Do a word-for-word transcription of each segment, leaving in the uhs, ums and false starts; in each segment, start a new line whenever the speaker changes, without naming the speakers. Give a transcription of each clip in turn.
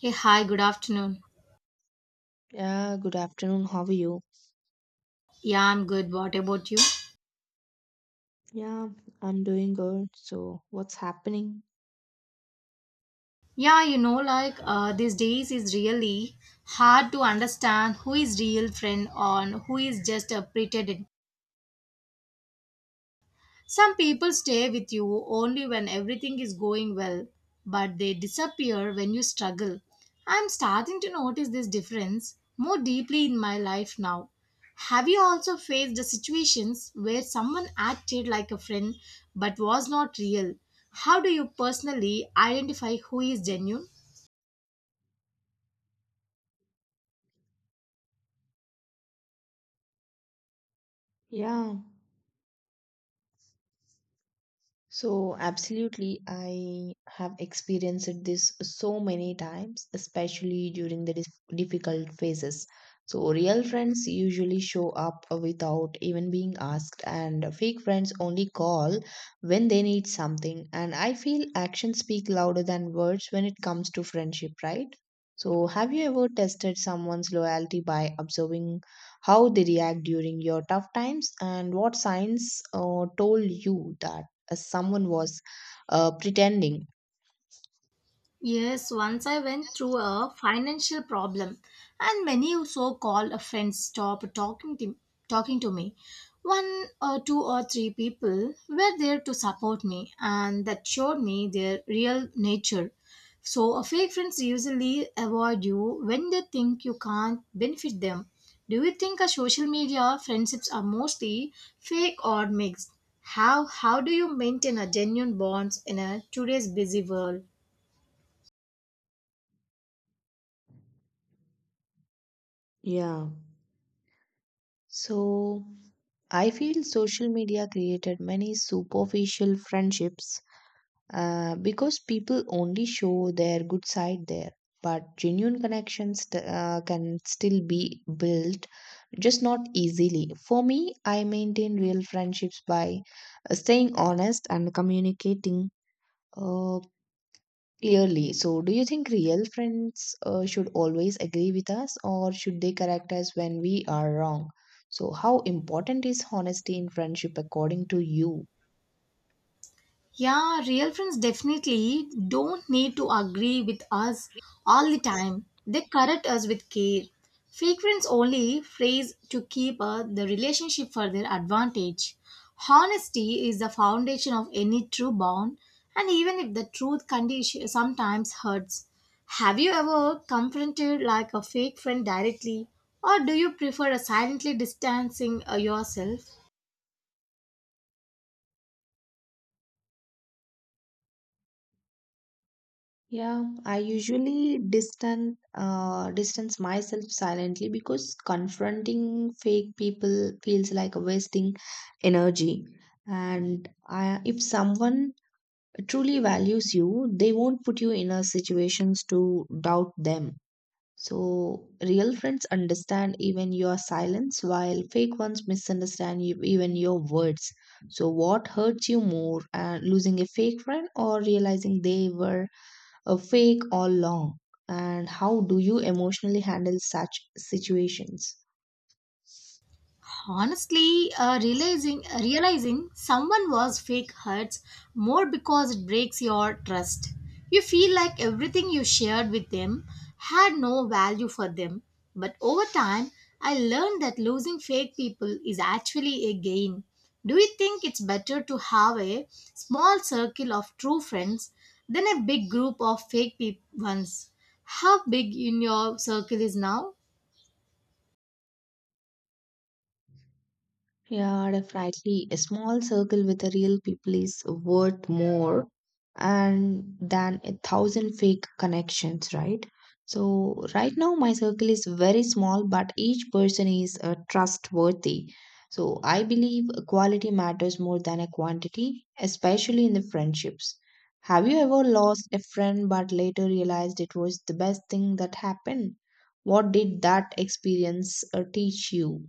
Hey, hi, good afternoon.
Yeah, good afternoon. How are you?
Yeah, I'm good. What about you?
Yeah, I'm doing good. So, what's happening?
Yeah, you know, like uh, these days is really hard to understand who is real friend on who is just a pretend. Some people stay with you only when everything is going well, but they disappear when you struggle. I'm starting to notice this difference more deeply in my life now. Have you also faced the situations where someone acted like a friend but was not real? How do you personally identify who is genuine?
Yeah. So, absolutely, I have experienced this so many times, especially during the dis- difficult phases. So, real friends usually show up without even being asked, and fake friends only call when they need something. And I feel actions speak louder than words when it comes to friendship, right? So, have you ever tested someone's loyalty by observing how they react during your tough times, and what signs uh, told you that? Uh, someone was uh, pretending.
Yes, once I went through a financial problem, and many so-called friends stopped talking to, talking to me. One or two or three people were there to support me, and that showed me their real nature. So, uh, fake friends usually avoid you when they think you can't benefit them. Do you think a social media friendships are mostly fake or mixed? How how do you maintain a genuine bonds in a today's busy world?
Yeah. So I feel social media created many superficial friendships uh, because people only show their good side there. But genuine connections t- uh, can still be built, just not easily. For me, I maintain real friendships by uh, staying honest and communicating. Uh, Clearly. So, do you think real friends uh, should always agree with us or should they correct us when we are wrong? So, how important is honesty in friendship according to you?
Yeah, real friends definitely don't need to agree with us all the time. They correct us with care. Fake friends only phrase to keep uh, the relationship for their advantage. Honesty is the foundation of any true bond, and even if the truth condition sometimes hurts. Have you ever confronted like a fake friend directly, or do you prefer a silently distancing uh, yourself?
Yeah, I usually distant uh, distance myself silently because confronting fake people feels like wasting energy. And I, if someone truly values you, they won't put you in a situations to doubt them. So, real friends understand even your silence, while fake ones misunderstand you, even your words. So, what hurts you more, uh, losing a fake friend or realizing they were a fake all along? And how do you emotionally handle such situations?
Honestly, uh, realizing realizing someone was fake hurts more because it breaks your trust. You feel like everything you shared with them had no value for them. But over time, I learned that losing fake people is actually a gain. Do you think it's better to have a small circle of true friends than a big group of fake peop ones? How big in your circle is now?
Yeah, definitely. A small circle with the real people is worth more and than a thousand fake connections, right? So right now my circle is very small, but each person is uh, trustworthy. So I believe quality matters more than a quantity, especially in the friendships. Have you ever lost a friend but later realized it was the best thing that happened? What did that experience uh, teach you?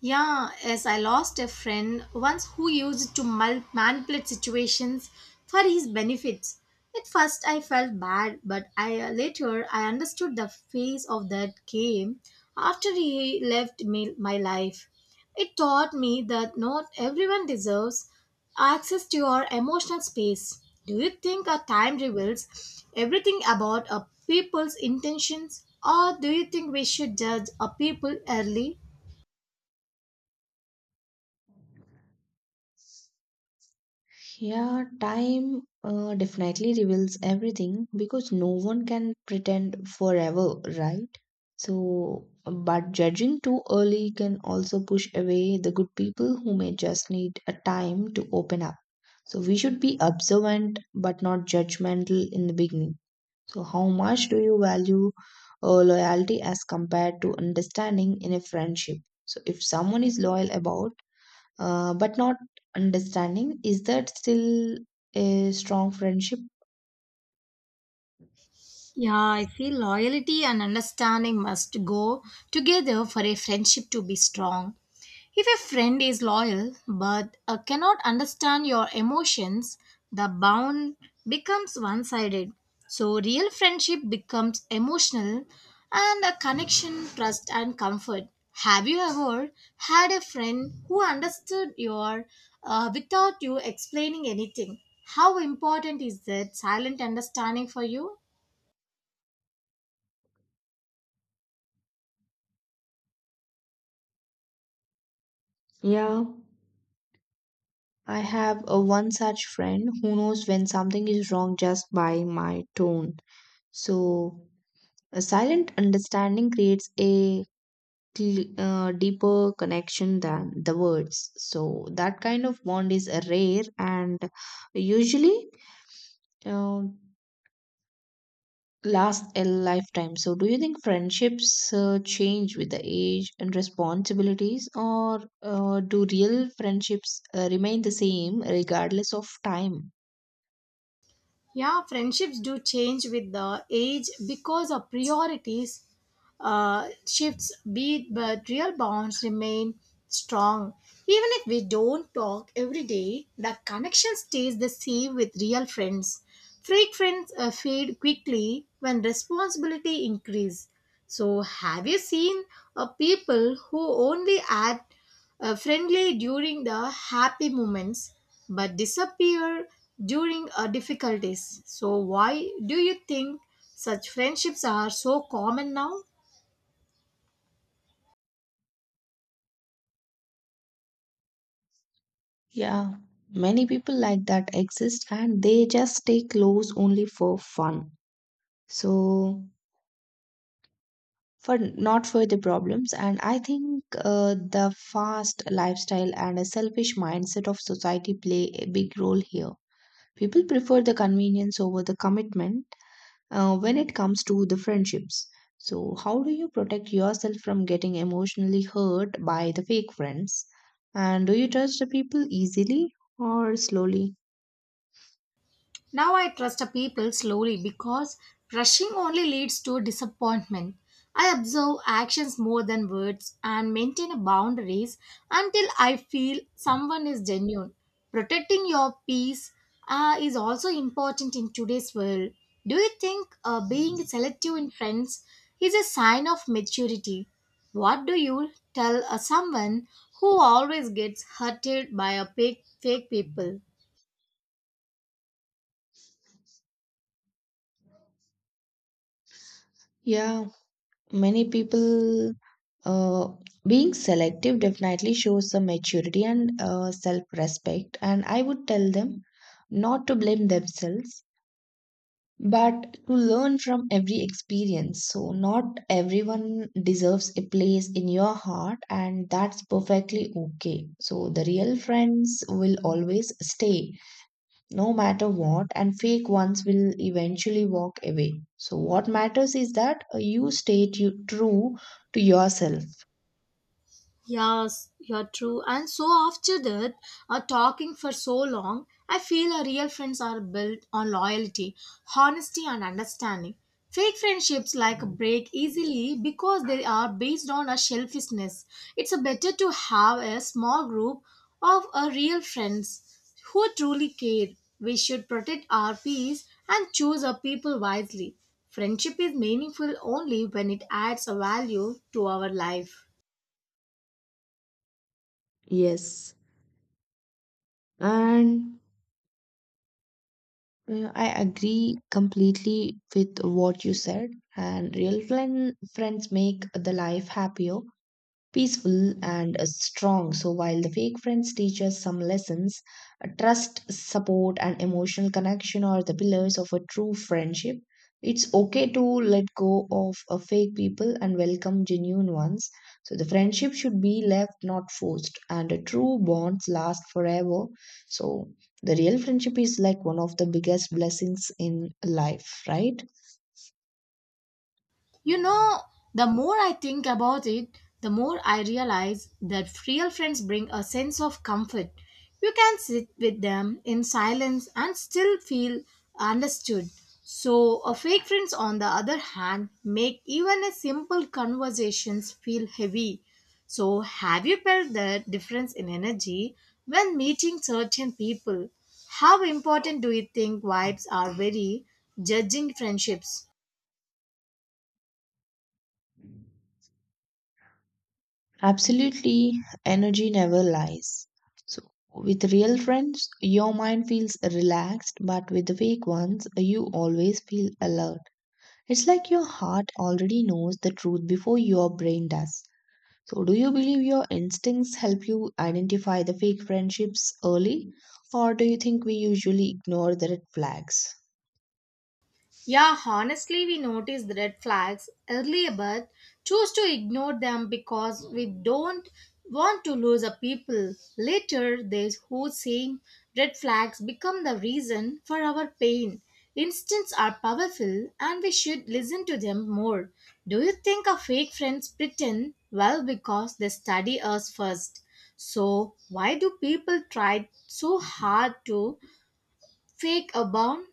Yeah, yes, I lost a friend once who used to mul- manipulate situations for his benefits. At first, I felt bad, but I uh, later I understood the phase of that game after he left me, my life. It taught me that not everyone deserves access to your emotional space. Do you think our time reveals everything about a people's intentions, or do you think we should judge a people early?
Yeah, time uh, definitely reveals everything because no one can pretend forever, right? So, but judging too early can also push away the good people who may just need a time to open up. So, we should be observant but not judgmental in the beginning. So, how much do you value uh, loyalty as compared to understanding in a friendship? So, if someone is loyal about uh, but not understanding. Is that still a strong friendship?
Yeah, I feel loyalty and understanding must go together for a friendship to be strong. If a friend is loyal but uh, cannot understand your emotions, the bond becomes one sided. So, real friendship becomes emotional and a connection, trust, and comfort. Have you ever had a friend who understood your uh, without you explaining anything? How important is that silent understanding for you?
Yeah, I have a one such friend who knows when something is wrong just by my tone. So, a silent understanding creates a cl- uh, deeper connection than the words. So, that kind of bond is uh, rare and usually. Uh, Last a lifetime. So, do you think friendships uh, change with the age and responsibilities, or uh, do real friendships uh, remain the same regardless of time?
Yeah, friendships do change with the age because of priorities uh, shifts be it, but real bonds remain strong even if we don't talk every day. The connection stays the same with real friends. Fake friends uh, fade quickly when responsibility increase. So have you seen uh, people who only add uh, friendly during the happy moments but disappear during uh, difficulties. So, why do you think such friendships are so common now?
Yeah, many people like that exist and they just stay close only for fun. So, for not for the problems, and I think uh, the fast lifestyle and a selfish mindset of society play a big role here. People prefer the convenience over the commitment Uh, when it comes to the friendships, so how do you protect yourself from getting emotionally hurt by the fake friends? And do you judge the people easily or slowly?
Now I trust the people slowly because rushing only leads to disappointment. I observe actions more than words and maintain boundaries until I feel someone is genuine. Protecting your peace uh, is also important in today's world. Do you think uh, being selective in friends is a sign of maturity? What do you tell uh, someone who always gets hurted by a fake, fake people?
Yeah, many people uh, being selective definitely shows some maturity and uh, self respect. And I would tell them not to blame themselves but to learn from every experience. So, not everyone deserves a place in your heart, and that's perfectly okay. So, the real friends will always stay, no matter what, and fake ones will eventually walk away. So, what matters is that uh, you stay tu- true to yourself.
Yes, you're true. And so after that, uh, talking for so long, I feel our real friends are built on loyalty, honesty, and understanding. Fake friendships like break easily because they are based on a selfishness. It's a better to have a small group of our real friends who truly care. We should protect our peace and choose our people wisely. Friendship is meaningful only when it adds a value to our life.
Yes. And uh, I agree completely with what you said. And real friend, friends make the life happier peaceful and uh, strong. So while the fake friends teach us some lessons, uh, trust, support, and emotional connection are the pillars of a true friendship. It's okay to let go of uh, fake people and welcome genuine ones. So the friendship should be left not forced, and uh, true bonds last forever. So the real friendship is like one of the biggest blessings in life, right?
You know, the more I think about it, the more I realize that real friends bring a sense of comfort. You can sit with them in silence and still feel understood. So, a fake friends, on the other hand, make even a simple conversations feel heavy. So, have you felt the difference in energy when meeting certain people? How important do you think vibes are very judging friendships?
Absolutely, energy never lies. So, with real friends, your mind feels relaxed, but with the fake ones, you always feel alert. It's like your heart already knows the truth before your brain does. So, do you believe your instincts help you identify the fake friendships early, or do you think we usually ignore the red flags?
Yeah, honestly, we notice the red flags earlier but choose to ignore them because we don't want to lose a people. Later, these who same red flags become the reason for our pain. Instincts are powerful and we should listen to them more. Do you think our fake friends pretend? Well, because they study us first. So, why do people try so hard to fake a bond?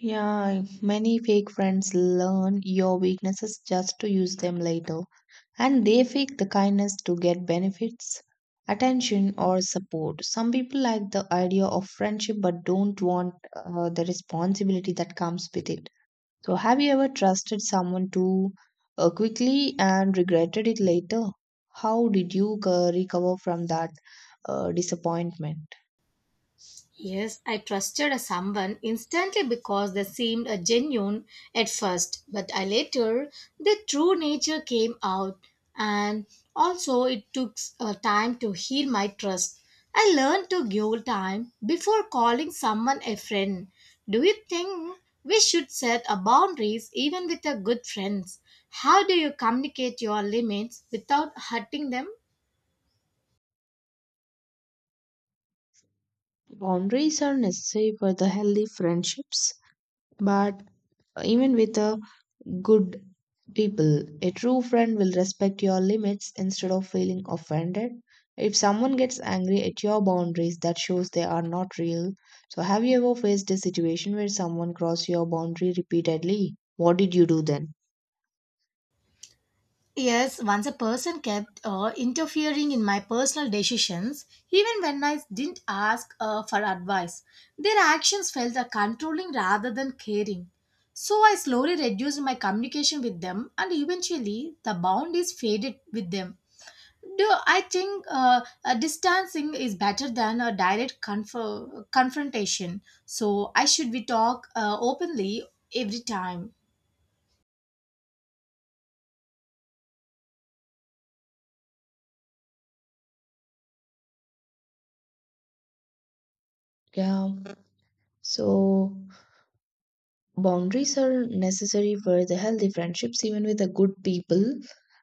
Yeah, many fake friends learn your weaknesses just to use them later, and they fake the kindness to get benefits, attention, or support. Some people like the idea of friendship but don't want uh, the responsibility that comes with it. So, have you ever trusted someone too uh, quickly and regretted it later? How did you uh, recover from that uh, disappointment?
Yes, I trusted someone instantly because they seemed a genuine at first, but I later their true nature came out, and also it took uh, time to heal my trust. I learned to give time before calling someone a friend. Do you think we should set a boundaries even with our good friends? How do you communicate your limits without hurting them?
Boundaries are necessary for the healthy friendships, but even with the good people. A true friend will respect your limits instead of feeling offended. If someone gets angry at your boundaries, that shows they are not real. So, have you ever faced a situation where someone crossed your boundary repeatedly? What did you do then?
Yes, once a person kept uh, interfering in my personal decisions, even when I didn't ask uh, for advice. Their actions felt uh, controlling rather than caring. So I slowly reduced my communication with them, and eventually the bond is faded with them. Do I think uh, uh, distancing is better than a direct conf- confrontation? So I should we talk uh, openly every time.
Yeah, so Boundaries are necessary for the healthy friendships, even with the good people,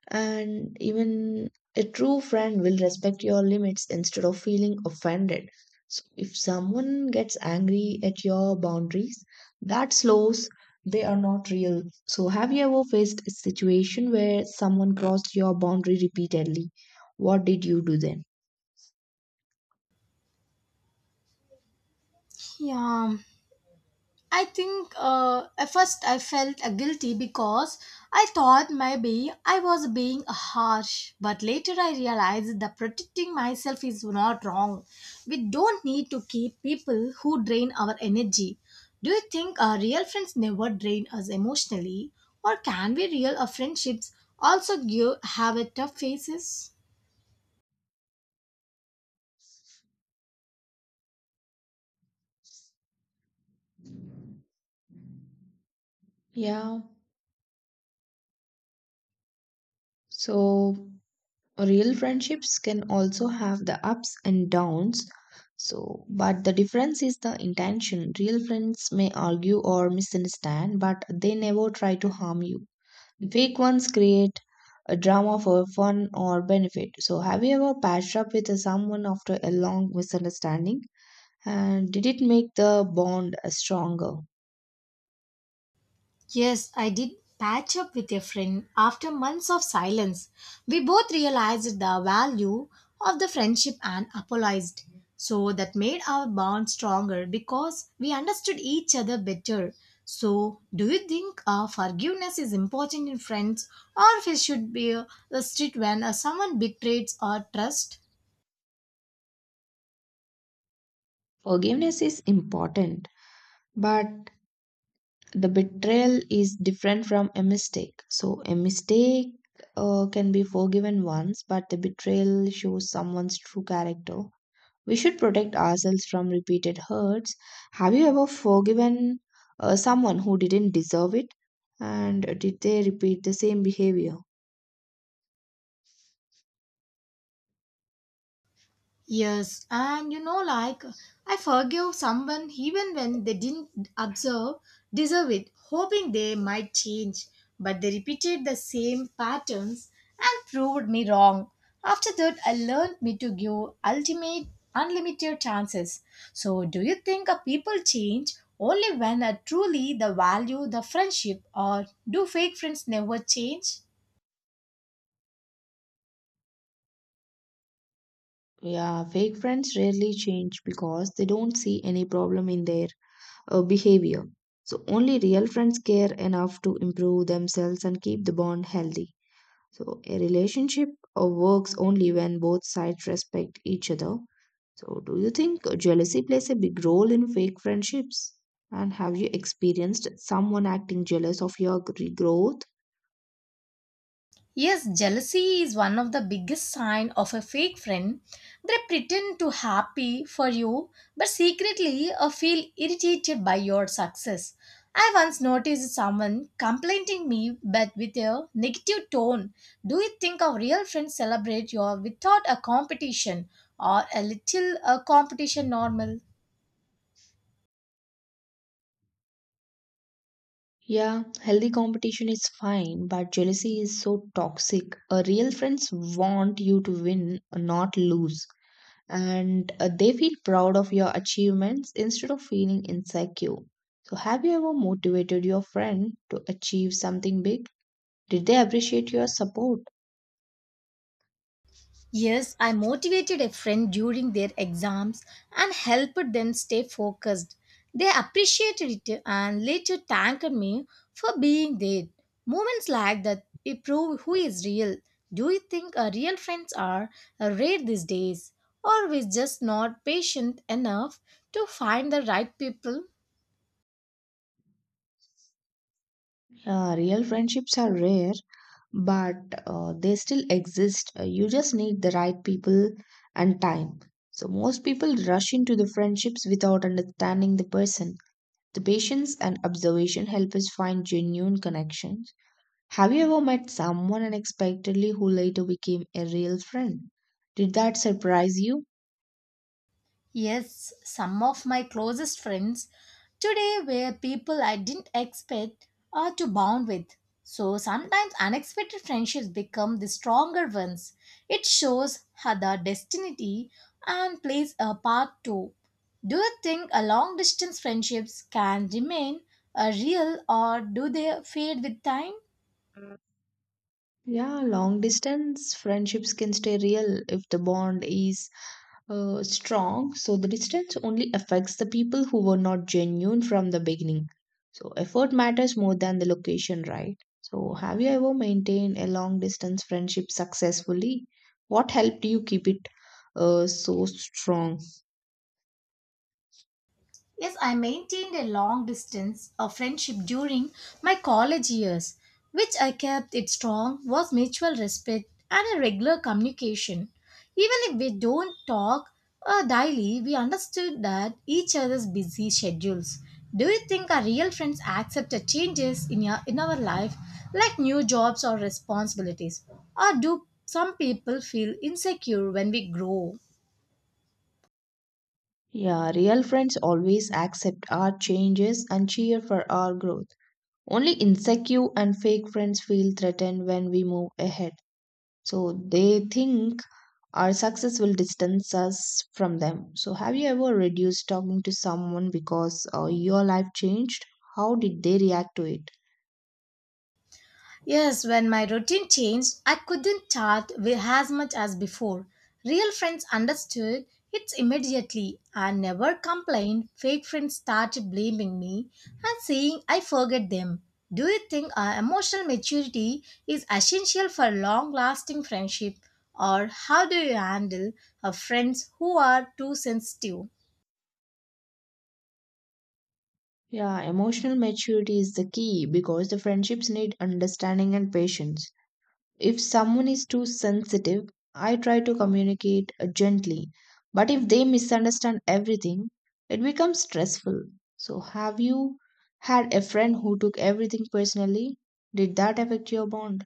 and even a true friend will respect your limits instead of feeling offended. So, if someone gets angry at your boundaries, that slows, they are not real. So, have you ever faced a situation where someone crossed your boundary repeatedly? What did you do then?
Yeah. I think uh, at first I felt uh, guilty because I thought maybe I was being harsh, but later I realized that protecting myself is not wrong. We don't need to keep people who drain our energy. Do you think our real friends never drain us emotionally, or can we real uh, friendships also give have a tough faces?
Yeah, so Real friendships can also have the ups and downs. So, but the difference is the intention. Real friends may argue or misunderstand, but they never try to harm you. Fake ones create a drama for fun or benefit. So, have you ever patched up with someone after a long misunderstanding? And did it make the bond stronger?
Yes, I did patch up with a friend after months of silence. We both realized the value of the friendship and apologized. So that made our bond stronger because we understood each other better. So, do you think uh, forgiveness is important in friends or if it should be uh, strict when uh, someone betrays our trust?
Forgiveness is important, but the betrayal is different from a mistake. So a mistake uh, can be forgiven once, but the betrayal shows someone's true character. We should protect ourselves from repeated hurts. Have you ever forgiven uh, someone who didn't deserve it? And did they repeat the same behavior?
Yes, and you know, like I forgive someone even when they didn't observe, deserve it, hoping they might change. But they repeated the same patterns and proved me wrong. After that, I learned me to give ultimate, unlimited chances. So, do you think a people change only when uh, truly the value the friendship, or do fake friends never change?
Yeah, fake friends rarely change because they don't see any problem in their uh, behavior. So, only real friends care enough to improve themselves and keep the bond healthy. So a relationship uh, works only when both sides respect each other. So do you think jealousy plays a big role in fake friendships? And have you experienced someone acting jealous of your gr- growth?
Yes, jealousy is one of the biggest sign of a fake friend. They pretend to happy for you but secretly uh, feel irritated by your success. I once noticed someone complimenting me but with a negative tone. Do you think a real friend celebrate your without a competition or a little uh, competition normal?
Yeah, healthy competition is fine, but jealousy is so toxic. Uh, real friends want you to win, not lose. And uh, they feel proud of your achievements instead of feeling insecure. So, have you ever motivated your friend to achieve something big? Did they appreciate your support?
Yes, I motivated a friend during their exams and helped them stay focused. They appreciated it and later thanked me for being there. Moments like that we prove who is real. Do you think our real friends are uh, rare these days? Or we're just not patient enough to find the right people?
Uh, real friendships are rare, but uh, they still exist. Uh, You just need the right people and time. So, most people rush into the friendships without understanding the person. The patience and observation help us find genuine connections. Have you ever met someone unexpectedly who later became a real friend? Did that surprise you?
Yes, some of my closest friends today were people I didn't expect or to bond with. So sometimes unexpected friendships become the stronger ones. It shows how the destiny and plays a part too. Do you think a long distance friendships can remain a real or do they fade with time?
Yeah, long distance friendships can stay real if the bond is uh, strong, so the distance only affects the people who were not genuine from the beginning. So effort matters more than the location, right? So have you ever maintained a long distance friendship successfully? What helped you keep it uh, so strong?
Yes, I maintained a long distance of friendship during my college years, which I kept it strong was mutual respect and a regular communication. Even if we don't talk uh, daily, we understood that each other's busy schedules. Do you think our real friends accept the changes in our, in our life, like new jobs or responsibilities? Or do some people feel insecure when we grow?
Yeah, real friends always accept our changes and cheer for our growth. Only insecure and fake friends feel threatened when we move ahead. So they think our success will distance us from them. So, have you ever reduced talking to someone because uh, your life changed? How did they react to it?
Yes, when my routine changed, I couldn't chat with as much as before. Real friends understood it immediately and never complained. Fake friends started blaming me and saying I forget them. Do you think our emotional maturity is essential for long lasting friendship? Or how do you handle a friends who are too sensitive?
Yeah, emotional maturity is the key because the friendships need understanding and patience. If someone is too sensitive, I try to communicate uh, gently. But if they misunderstand everything, it becomes stressful. So, have you had a friend who took everything personally? Did that affect your bond?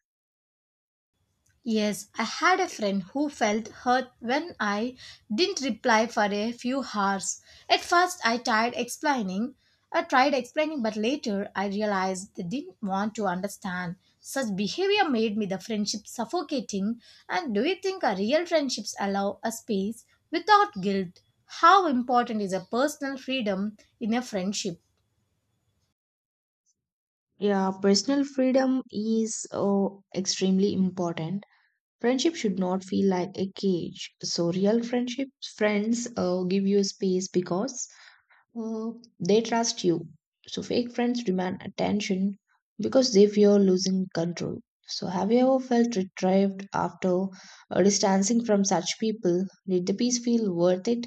Yes, I had a friend who felt hurt when I didn't reply for a few hours. At first, I tried explaining. I tried explaining, but later I realized they didn't want to understand. Such behavior made me the friendship suffocating. And do you think a real friendships allow a space without guilt? How important is a personal freedom in a friendship?
Yeah, personal freedom is oh, extremely important. Friendship should not feel like a cage. So, real friendships, friends uh, give you space because uh, they trust you. So, fake friends demand attention because they fear losing control. So, have you ever felt retrieved after uh, distancing from such people? Did the peace feel worth it?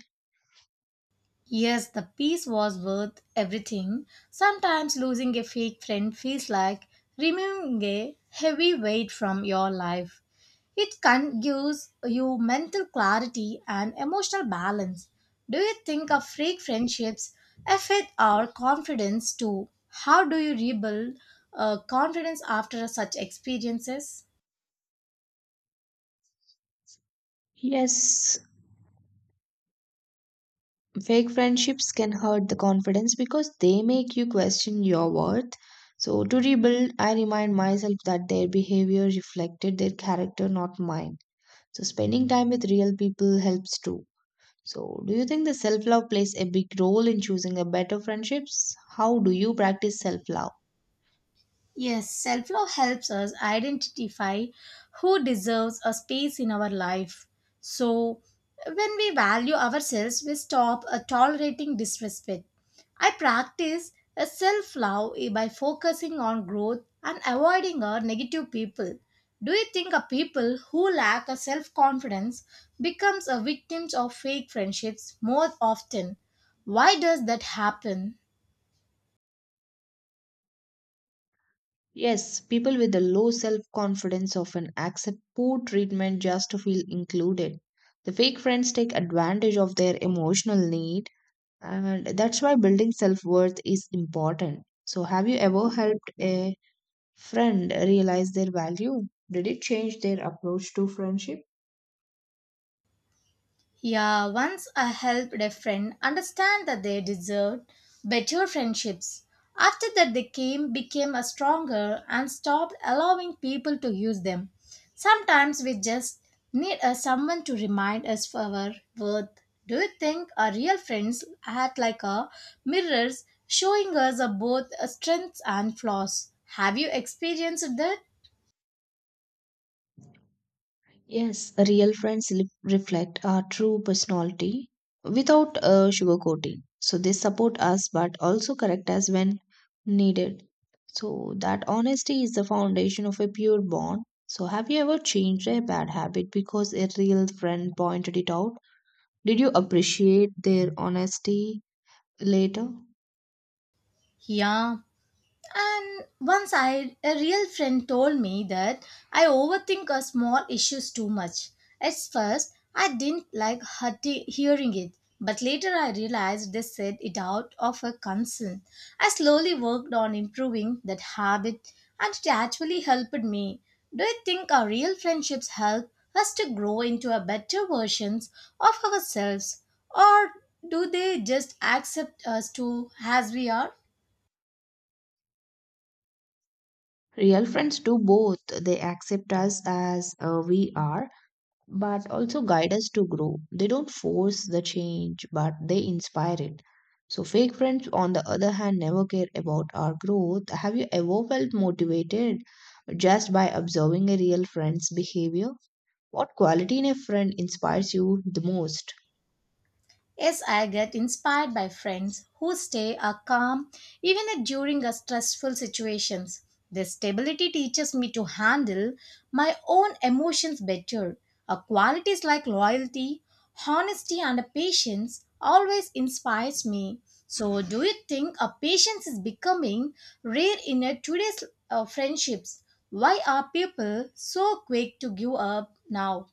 Yes, the peace was worth everything. Sometimes losing a fake friend feels like removing a heavy weight from your life. It can gives you mental clarity and emotional balance. Do you think of fake friendships affect our confidence too? How do you rebuild uh, confidence after such experiences?
Yes, fake friendships can hurt the confidence because they make you question your worth. So, to rebuild, I remind myself that their behavior reflected their character, not mine. So, spending time with real people helps too. So, do you think the self love plays a big role in choosing a better friendships? How do you practice self love?
Yes, self love helps us identify who deserves a space in our life. So, when we value ourselves, we stop uh, tolerating disrespect. I practice a self love by focusing on growth and avoiding uh, negative people. Do you think a people who lack a self confidence becomes a victims of fake friendships more often? Why does that happen?
Yes, people with a low self confidence often accept poor treatment just to feel included. The fake friends take advantage of their emotional needs and that's why building self worth is important. So, have you ever helped a friend realize their value? Did it change their approach to friendship?
Yeah, once I helped a friend understand that they deserved better friendships. After that, they came, became a stronger, and stopped allowing people to use them. Sometimes we just need a someone to remind us of our worth. Do you think our real friends act like a mirrors, showing us our both uh, strengths and flaws? Have you experienced that?
Yes, real friends li- reflect our true personality without uh, sugarcoating. So they support us but also correct us when needed. So that honesty is the foundation of a pure bond. So have you ever changed a bad habit because a real friend pointed it out? Did you appreciate their honesty later?
Yeah. And once I, a real friend told me that I overthink a small issues too much. At first, I didn't like hurti- hearing it, but later I realized they said it out of a concern. I slowly worked on improving that habit, and it actually helped me. Do you think our real friendships help us to grow into a better versions of ourselves, or do they just accept us to as we are?
Real friends do both. They accept us as uh, we are but also guide us to grow. They don't force the change, but they inspire it. So, fake friends, on the other hand, never care about our growth. Have you ever felt motivated just by observing a real friend's behavior? What quality in a friend inspires you the most?
Yes, I get inspired by friends who stay uh, calm even at- during a stressful situations. Their stability teaches me to handle my own emotions better. Uh, qualities like loyalty, honesty, and patience always inspires me. So, do you think a patience is becoming rare in uh, today's uh, friendships? Why are people so quick to give up now?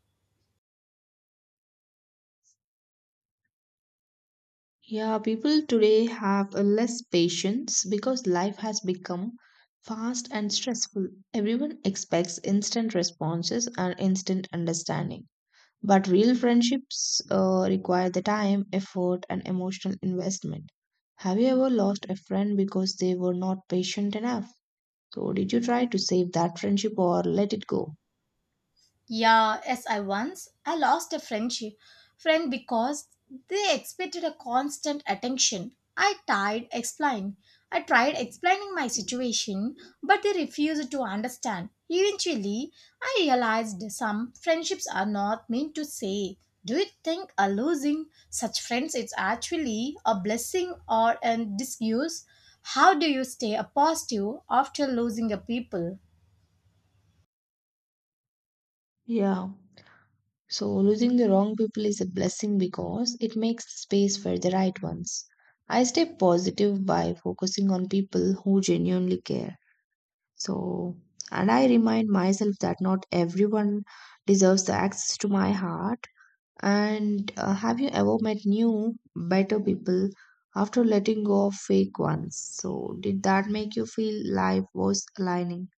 Yeah, people today have a less patience because life has become fast and stressful. Everyone expects instant responses and instant understanding. But real friendships uh, require the time, effort, and emotional investment. Have you ever lost a friend because they were not patient enough? So, did you try to save that friendship or let it go?
Yeah, yes, I once I lost a friendship friend because they expected a constant attention. I tried explain. I tried explaining my situation, but they refused to understand. Eventually, I realized some friendships are not meant to say. Do you think a losing such friends is actually a blessing or a disuse? How do you stay a positive after losing a people?
Yeah. So, losing the wrong people is a blessing because it makes space for the right ones. I stay positive by focusing on people who genuinely care. So, and I remind myself that not everyone deserves the access to my heart. And uh, have you ever met new, better people after letting go of fake ones? So, did that make you feel life was aligning?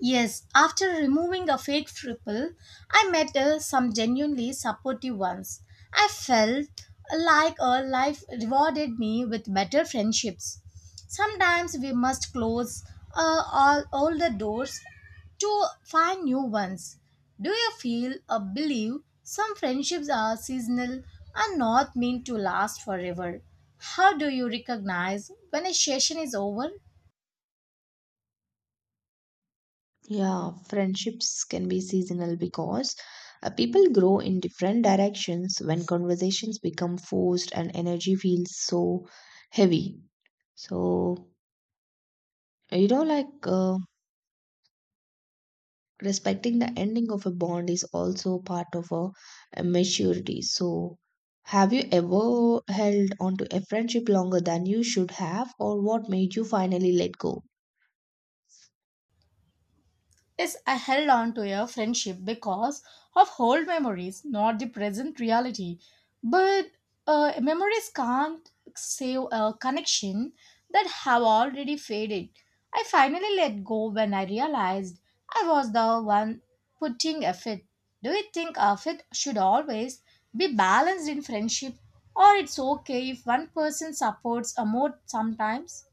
Yes, after removing a fake triple, I met uh, some genuinely supportive ones. I felt like uh, life rewarded me with better friendships. Sometimes we must close uh, all older doors to find new ones. Do you feel or believe some friendships are seasonal and not meant to last forever? How do you recognize when a session is over?
Yeah, friendships can be seasonal because uh, people grow in different directions when conversations become forced and energy feels so heavy. So, you know, like uh, respecting the ending of a bond is also part of a, a maturity. So, have you ever held on to a friendship longer than you should have, or what made you finally let go?
Is I held on to a friendship because of old memories, not the present reality. But uh, memories can't save a connection that have already faded. I finally let go when I realized I was the one putting effort. Do you think effort should always be balanced in friendship, or it's okay if one person supports a more sometimes?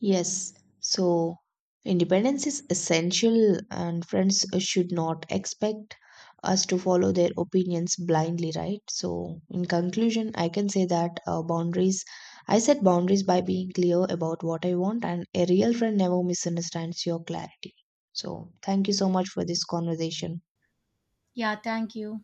Yes, so independence is essential, and friends should not expect us to follow their opinions blindly, right? So, in conclusion, I can say that uh, boundaries, I set boundaries by being clear about what I want, and a real friend never misunderstands your clarity. So, thank you so much for this conversation.
Yeah, thank you.